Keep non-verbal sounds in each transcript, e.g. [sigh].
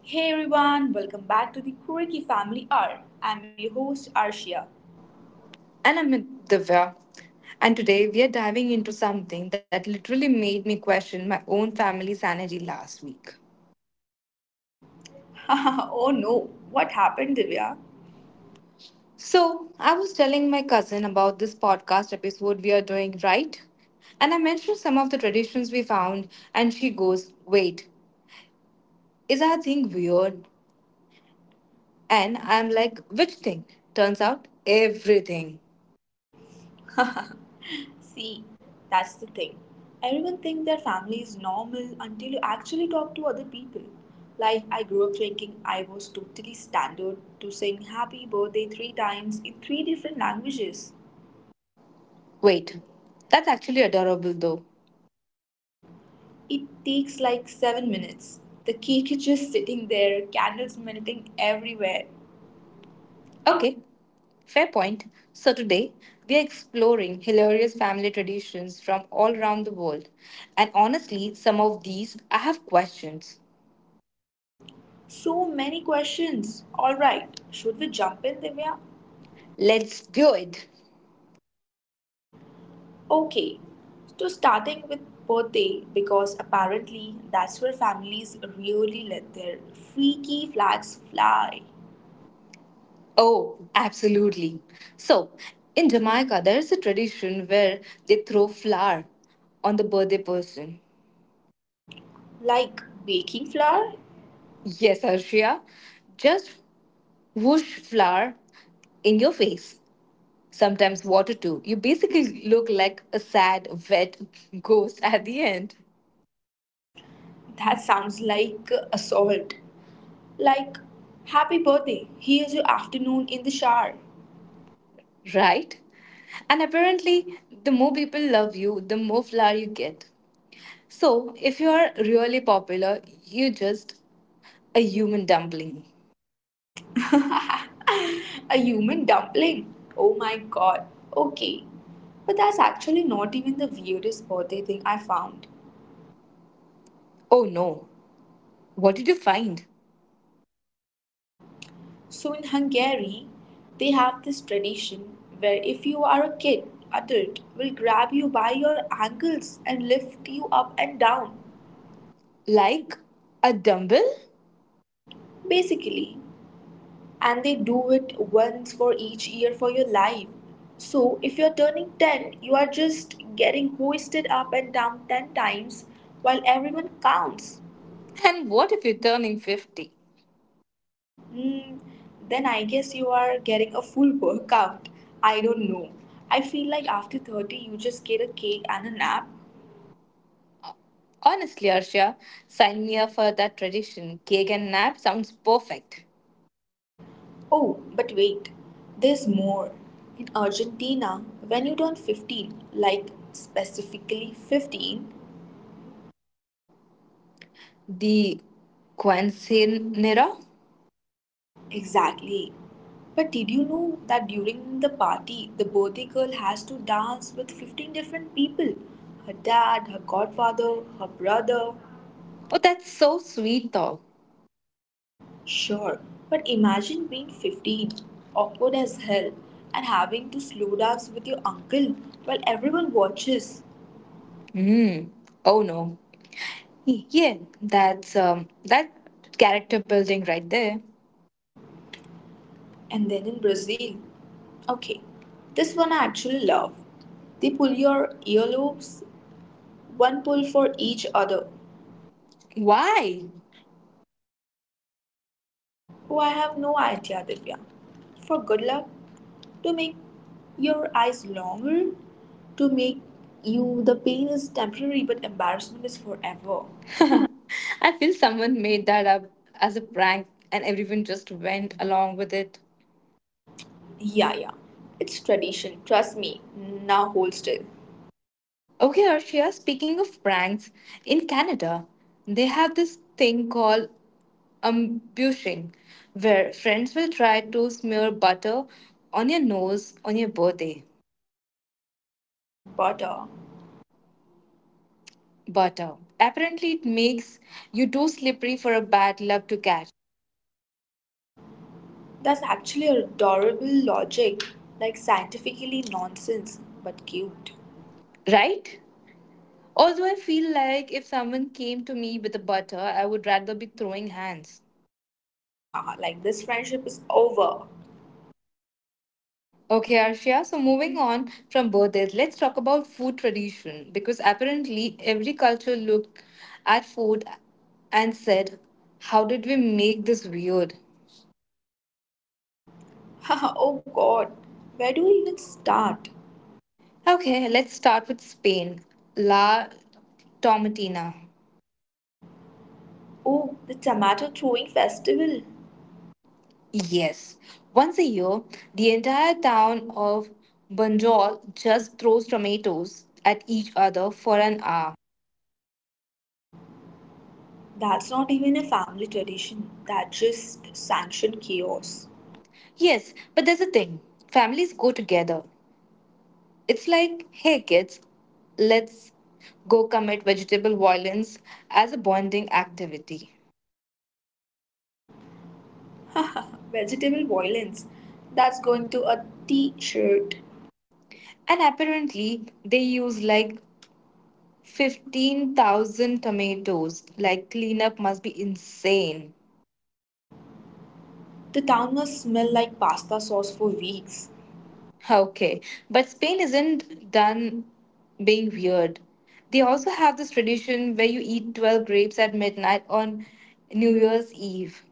Hey everyone, welcome back to the Quirky Family Hour. I'm your host Arshia. And I'm Divya. And today we are diving into something that literally made me question my own family sanity last week. [laughs] Oh no, what happened, Divya? So, I was telling my cousin about this podcast episode we are doing, right? And I mentioned some of the traditions we found, and she goes, wait, is that thing weird? And I'm like, which thing? Turns out, everything. [laughs] See, that's the thing. Everyone thinks their family is normal until you actually talk to other people. Like, I grew up thinking I was totally standard to sing happy birthday three times in three different languages. Wait, that's actually adorable though. It takes like 7 minutes. The cake is just sitting there, candles melting everywhere. Okay, fair point. So today we are exploring hilarious family traditions from all around the world. And honestly, some of these I have questions. So many questions. Alright, should we jump in, Divya? Let's do it. Okay, so starting with birthday, because apparently that's where families really let their freaky flags fly. Oh, absolutely. So, in Jamaica, there is a tradition where they throw flour on the birthday person. Like baking flour? Yes, Arshia. Just whoosh flour in your face. Sometimes water too. You basically look like a sad, wet [laughs] ghost at the end, That sounds like assault. Like, happy birthday, here's your afternoon in the shower. right? And apparently, the more people love you, the more flower you get. So, if you are really popular, you're just a human dumpling. [laughs] A human dumpling? Oh my god. Okay, but that's actually not even the weirdest birthday thing I found. Oh no, what did you find? So in Hungary, they have this tradition where if you are a kid, adult will grab you by your ankles and lift you up and down, Like a dumbbell? basically. And they do it once for each year for your life. So if you're turning 10, you are just getting hoisted up and down 10 times while everyone counts. And what if you're turning 50? Mm, then I guess you are getting a full workout. I don't know. I feel like after 30, you just get a cake and a nap. Honestly, Arshia, sign me up for that tradition. Cake and nap sounds perfect. Oh, but wait, there's more. In Argentina, when you turn 15, like specifically 15, The Quinceanera? exactly. But did you know that during the party, the birthday girl has to dance with 15 different people? Her dad, her godfather, her brother. Oh, that's so sweet though. Sure, but imagine being 15, awkward as hell, and having to slow dance with your uncle while everyone watches. Hmm. Oh no, yeah, that's that character building right there. And then in Brazil, okay, this one I actually love. They pull your earlobes, one pull for each other. Why? Oh, I have no idea, Divya. For good luck, to make your eyes longer, to make you the pain is temporary but embarrassment is forever. [laughs] I feel someone made that up as a prank and everyone just went along with it. Yeah, yeah, it's tradition, trust me. Now hold still. Okay, Arshia, speaking of pranks, in Canada, they have this thing called ambushing, where friends will try to smear butter on your nose on your birthday. But Butter. Apparently, it makes you too slippery for a bad luck to catch. that's actually adorable logic, like scientifically nonsense, but cute. Right? Although I feel like if someone came to me with a butter, I would rather be throwing hands. Haha, like this friendship is over. Okay, Arshia, so moving on from birthdays, let's talk about food tradition because apparently every culture looked at food and said, how did we make this weird? [laughs] Haha, oh god, where do we even start? Okay, let's start with Spain. La Tomatina. Oh, the tomato throwing festival. Yes. Once a year, the entire town of Banjul just throws tomatoes at each other for an hour. That's not even a family tradition, that just sanctioned chaos. Yes, but there's a thing. Families go together. It's like, hey kids, let's go commit vegetable violence as a bonding activity. Vegetable violence, that's going to a t shirt. And apparently, they use like 15,000 tomatoes. Like, cleanup must be insane. The town must smell like pasta sauce for weeks. Okay, but Spain isn't done being weird. They also have this tradition where you eat 12 grapes at midnight on New Year's Eve.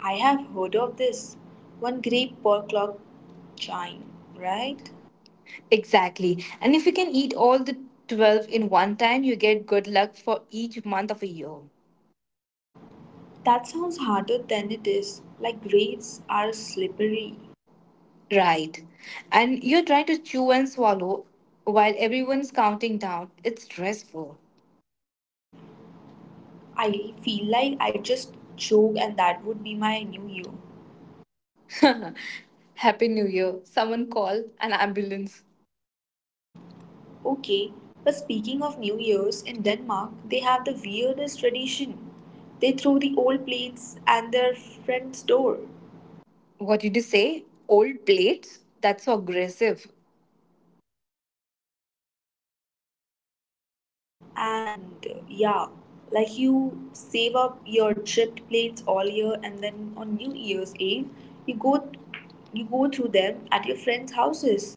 I have heard of this. One grape per clock chime, Right? right? Exactly. And if you can eat all the 12 in one time, you get good luck for each month of a year. That sounds harder than it is, like grapes are slippery. Right. And you're trying to chew and swallow while everyone's counting down. It's stressful. I feel like I just joke and that would be my new year. [laughs] Happy New Year. Someone call an ambulance. Okay, but speaking of new years, in Denmark, they have the weirdest tradition. They throw the old plates at their friend's door. What did you say? Old plates? That's so aggressive. And yeah, like you save up your chipped plates all year and then on New Year's Eve, you go you go through them at your friends' houses.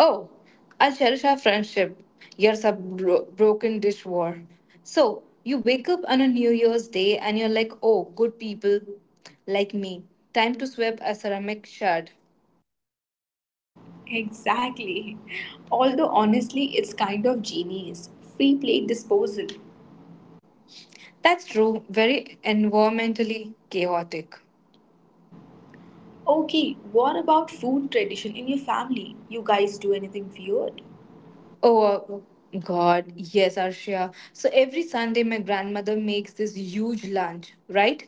Oh, I'll cherish our friendship. Years of broken dish war. So, you wake up on a New Year's Day and you're like, oh, good people like me. Time to sweep a ceramic shard. Exactly. [laughs] Although honestly, it's kind of genius. Free plate disposal. That's true, very environmentally chaotic. Okay, what about food tradition in your family? You guys do anything weird? Oh God, yes, Arshia. So every Sunday, my grandmother makes this huge lunch, right?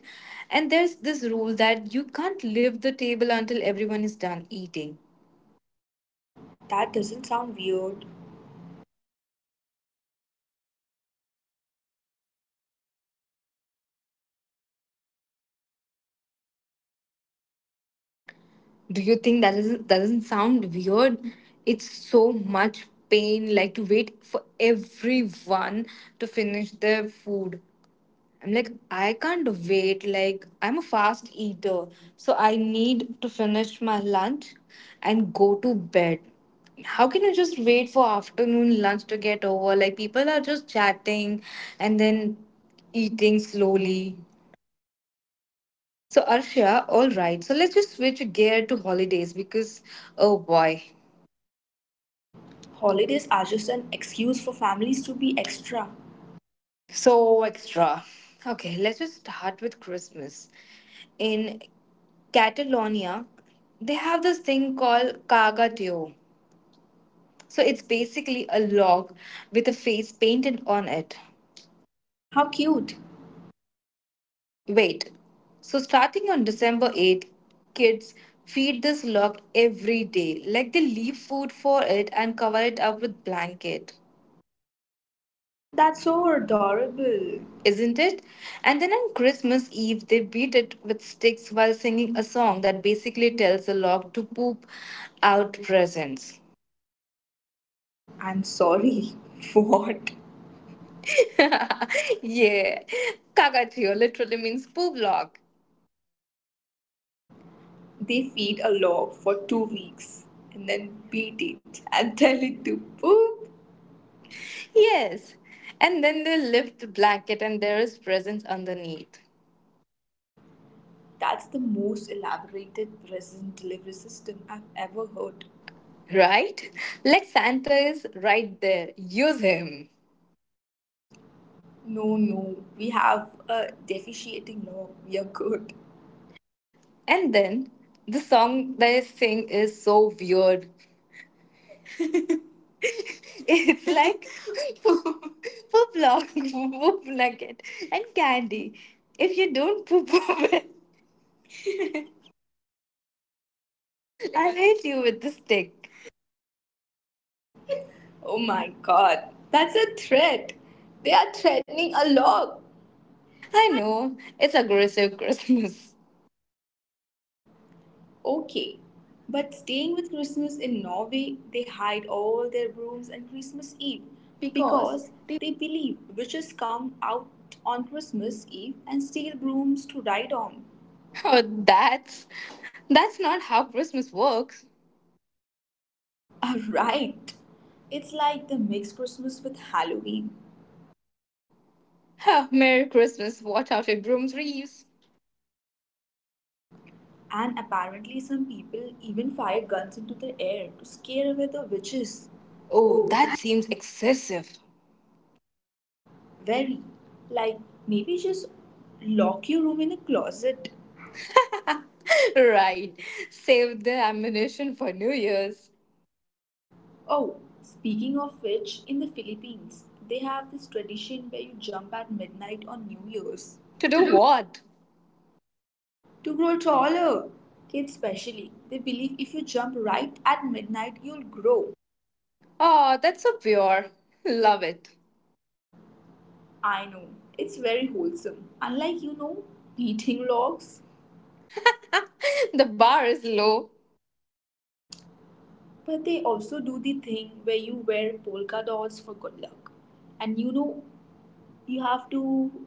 And there's this rule that you can't leave the table until everyone is done eating. That doesn't sound weird. Do you think that doesn't sound weird? It's so much pain, like to wait for everyone to finish their food. I'm like, I can't wait. Like, I'm a fast eater, so I need to finish my lunch and go to bed. How can you just wait for afternoon lunch to get over? Like, people are just chatting and then eating slowly. So, Arshia, all right. So, let's just switch gear to holidays because, oh boy, Holidays are just an excuse for families to be extra. so extra. Okay, let's just start with Christmas. In Catalonia, they have this thing called Cagatio. So, it's basically a log with a face painted on it. How cute. Wait, so starting on December 8th, kids feed this log every day. Like they leave food for it and cover it up with blanket. That's so adorable. Isn't it? And then on Christmas Eve, they beat it with sticks while singing a song that basically tells the log to poop out presents. I'm sorry. [laughs] What? [laughs] Yeah, kakatiyo literally means poop log. They feed a log for 2 weeks and then beat it and [laughs] tell it to poop. Yes, and then they lift the blanket and there is presents underneath. That's the most elaborated present delivery system I've ever heard. Right? Like Santa is right there. Use him. No, no, we have a deficiating log. We are good. And then the song they sing is so weird. It's like poop, poop log, poop nugget, and candy. If you don't poop [laughs] of it, I'll hit you with the stick. Oh my god, that's a threat. They are threatening a log. I know, it's aggressive Christmas. Okay. But staying with Christmas in Norway, they hide all their brooms on Christmas Eve Because because the they believe witches come out on Christmas Eve and steal brooms to ride on. Oh, that's not how Christmas works. [laughs] Alright. It's like they mix Christmas with Halloween. Huh, Merry Christmas, watch out for brooms Reeves. And apparently, some people even fire guns into the air to scare away the witches. Oh, Oh. that seems excessive. Very. Like, maybe just lock your room in a closet. [laughs] Right. Save the ammunition for New Year's. Oh, speaking of which, in the Philippines, they have this tradition where you jump at midnight on New Year's To do what? to grow taller. Kids, especially, they believe if you jump right at midnight, you'll grow. Oh, that's so pure. Love it. I know, it's very wholesome. Unlike, beating logs. The bar is low. But they also do the thing where you wear polka dots for good luck. And you know you have to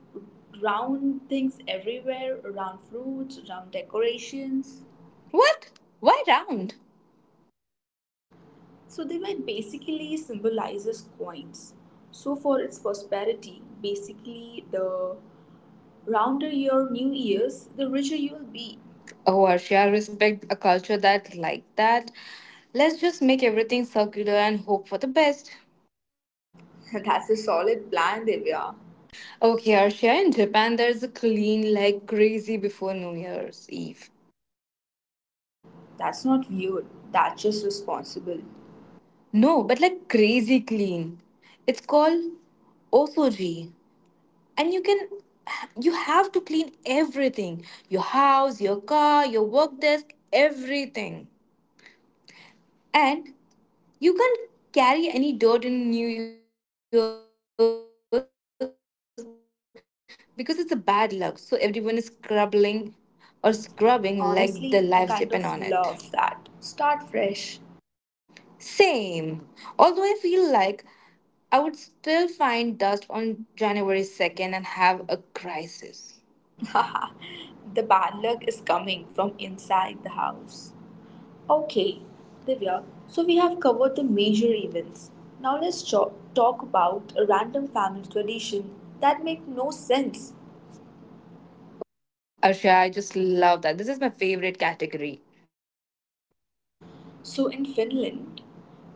round things everywhere, round fruits, round decorations, What? Why round? so they were basically symbolizes coins, so for its prosperity basically, the rounder your new years, the richer you will be. Oh, Arshia, respect a culture that like that. Let's just make everything circular and hope for the best. [laughs] That's a solid plan, Divya. Okay, Arshia, in Japan, there's a clean like crazy before New Year's Eve. That's not weird, that's just responsible. No, but like crazy clean. It's called osoji, and you have to clean everything: your house, your car, your work desk, everything. And you can't carry any dirt in New Year's because it's a bad luck. So everyone is scrubbing or scrubbing like their lives depend on it. Honestly, I kind of love that. Start fresh. Same. Although I feel like I would still find dust on January 2nd and have a crisis. [laughs] The bad luck is coming from inside the house. Okay, Divya, so we have covered the major events. Now let's talk about a random family tradition that make no sense. Oh, Arsha, I just love that. This is my favorite category. So in Finland,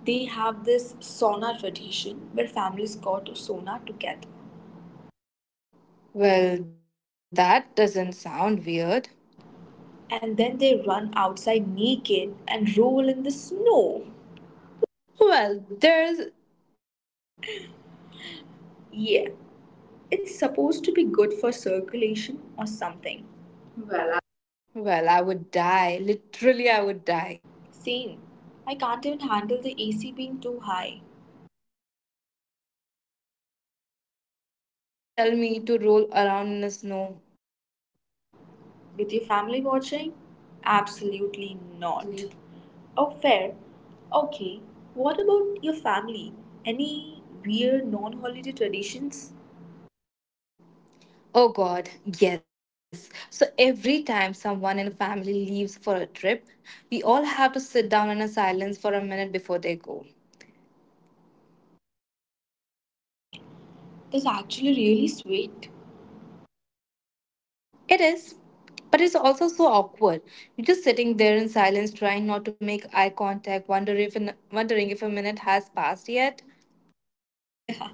they have this sauna tradition where families go to sauna together Well, that doesn't sound weird. and then they run outside naked and roll in the snow. Well, there's it. Yeah, it's supposed to be good for circulation or something. Well, I- Well, I would die. Literally, I would die. Same. I can't even handle the AC being too high. Right? And you're gonna tell me to roll around in the snow? With your family watching? Absolutely not. Absolutely. Oh, fair. Okay, what about your family? Any weird non holiday traditions? Oh God, yes. So every time someone in a family leaves for a trip, we all have to sit down in a silence for a minute before they go. That's actually really sweet. [laughs] It is, but it's also so awkward. You're just sitting there in silence, trying not to make eye contact, wondering if a minute has passed yet. Yeah,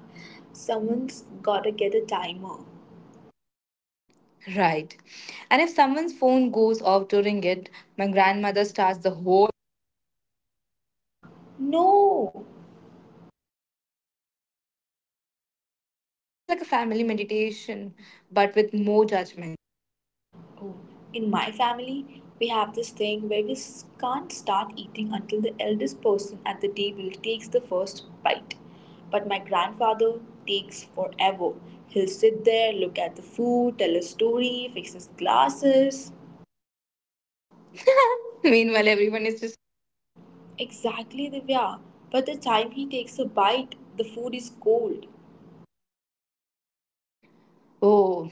someone's gotta get a timer. Right. And if someone's phone goes off during it, my grandmother starts the whole thing over. No! Yes. It's like a family meditation, but with more judgment. Oh, in my family, we have this thing where can't start eating until the eldest person at the table takes the first bite. But my grandfather But my gra- takes forever. He'll sit there, look at the food, tell a story, fix his glasses. [laughs] Meanwhile, everyone is just starving. Exactly, Divya. But the time he takes a bite, the food is cold. Oh,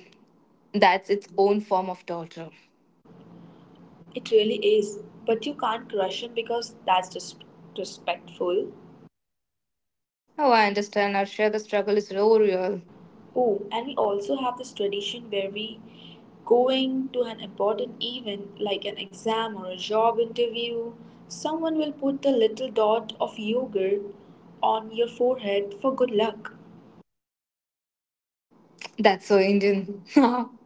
that's its own form of torture. It really is. But you can't crush him because that's just respectful. Oh, I understand, Arsha. The struggle is so real. Oh, and we also have this tradition where we going to an important event like an exam or a job interview, someone will put a little dot of yogurt on your forehead for good luck. That's so Indian. [laughs]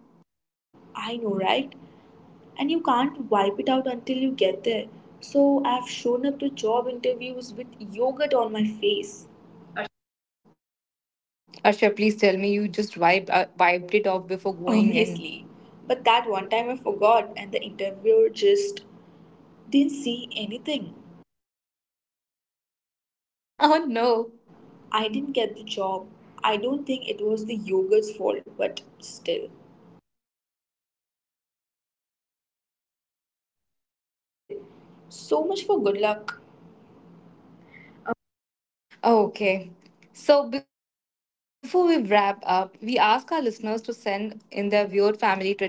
I know, right? And you can't wipe it out until you get there. So I've shown up to job interviews with yogurt on my face. Arsha, please tell me you just wiped it off before going in. [laughs] Obviously. But that one time I forgot and the interviewer just didn't see anything. Oh, no. I didn't get the job. I don't think it was the yogurt's fault, but still. Oh, the yogurt betrayed you. [laughs] It did. So much for good luck. Oh, okay. So, before we wrap up, we ask our listeners to send in their weird family traditions.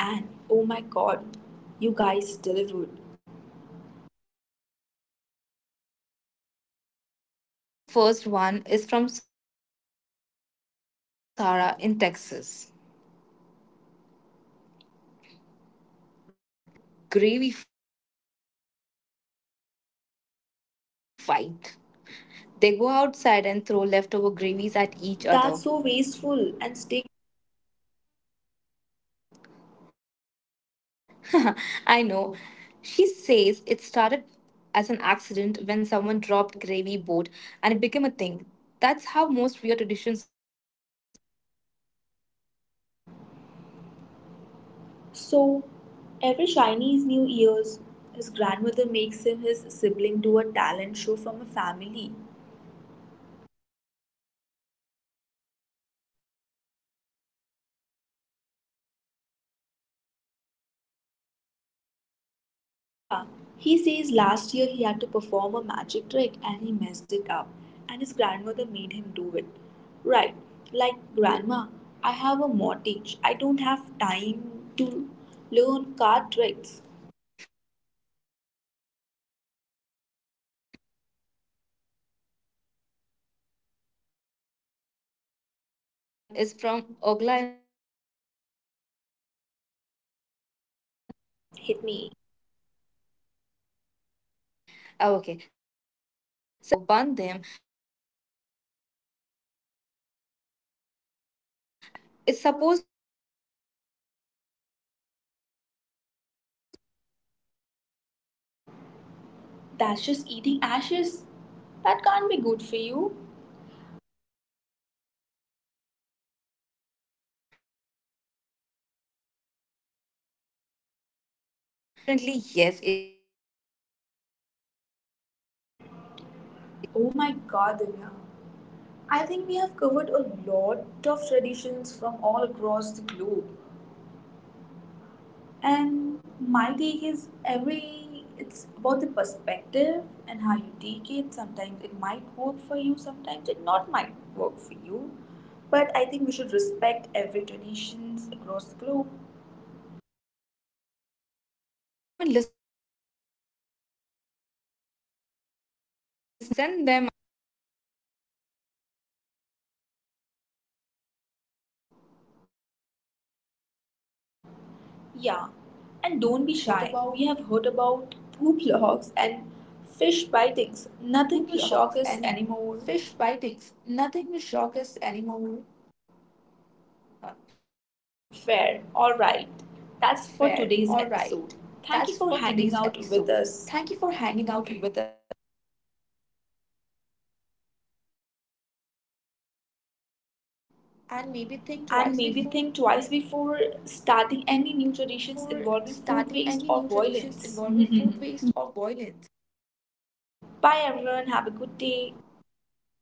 And oh my god, you guys delivered. Seriously. Okay. This first one is from Sarah in Texas. So every Thanksgiving after dinner, they have a gravy fight. They go outside and throw leftover gravies at each other. That's so wasteful and sticky. [laughs] I know. She says it started as an accident when someone dropped gravy boat and it became a thing. That's how most weird traditions start. So, every Chinese New Year's, his grandmother makes him his sibling do a talent show from a family. Oh, that's cute. Yeah, he says last year he had to perform a magic trick and he messed it up, and his grandmother made him do it. Right, like grandma, I have a mortgage. I don't have time to learn card tricks. I'm a lawyer, grandma. Okay, so this next one is from Ogla in Russia. Are you ready, Arshia? Hit me. Oh, okay, so every New Year's Eve, her family writes down their wishes on paper, burn them, and put the ashes in champagne and drink it at midnight. It's supposed to make your wishes come true. That's just eating ashes. That can't be good for you. I know, she says the champagne tastes terrible, but it's tradition. She says her cousin wished for a puppy and got one. So apparently, yes, it might be. Oh my god, Divya. I think we have covered a lot of traditions from all across the globe. And my take is every it's about the perspective and how you take it. Sometimes it might work for you, sometimes it not might work for you. But You, I think we should but I think respect every traditions across the globe. Perfect. So, everyone listening, we want to hear your family traditions. Send them. Yeah. And Yeah. don't be shy. And We don't be have heard shy. We about have heard poop [laughs] about logs and poop logs fish and bitings. fish Nothing will bitings. shock us Nothing will anymore. shock us anymore. Fair. All right. Fair. All That's right. for today's That's for episode. today's Thank you for episode. hanging Thank out you for with hanging us. out with us. And maybe think And twice maybe think before twice starting before any new starting traditions any new involving traditions food waste involving or food waste violence. or violence. Bye everyone, have a Bye, good everyone. day. Have a good day.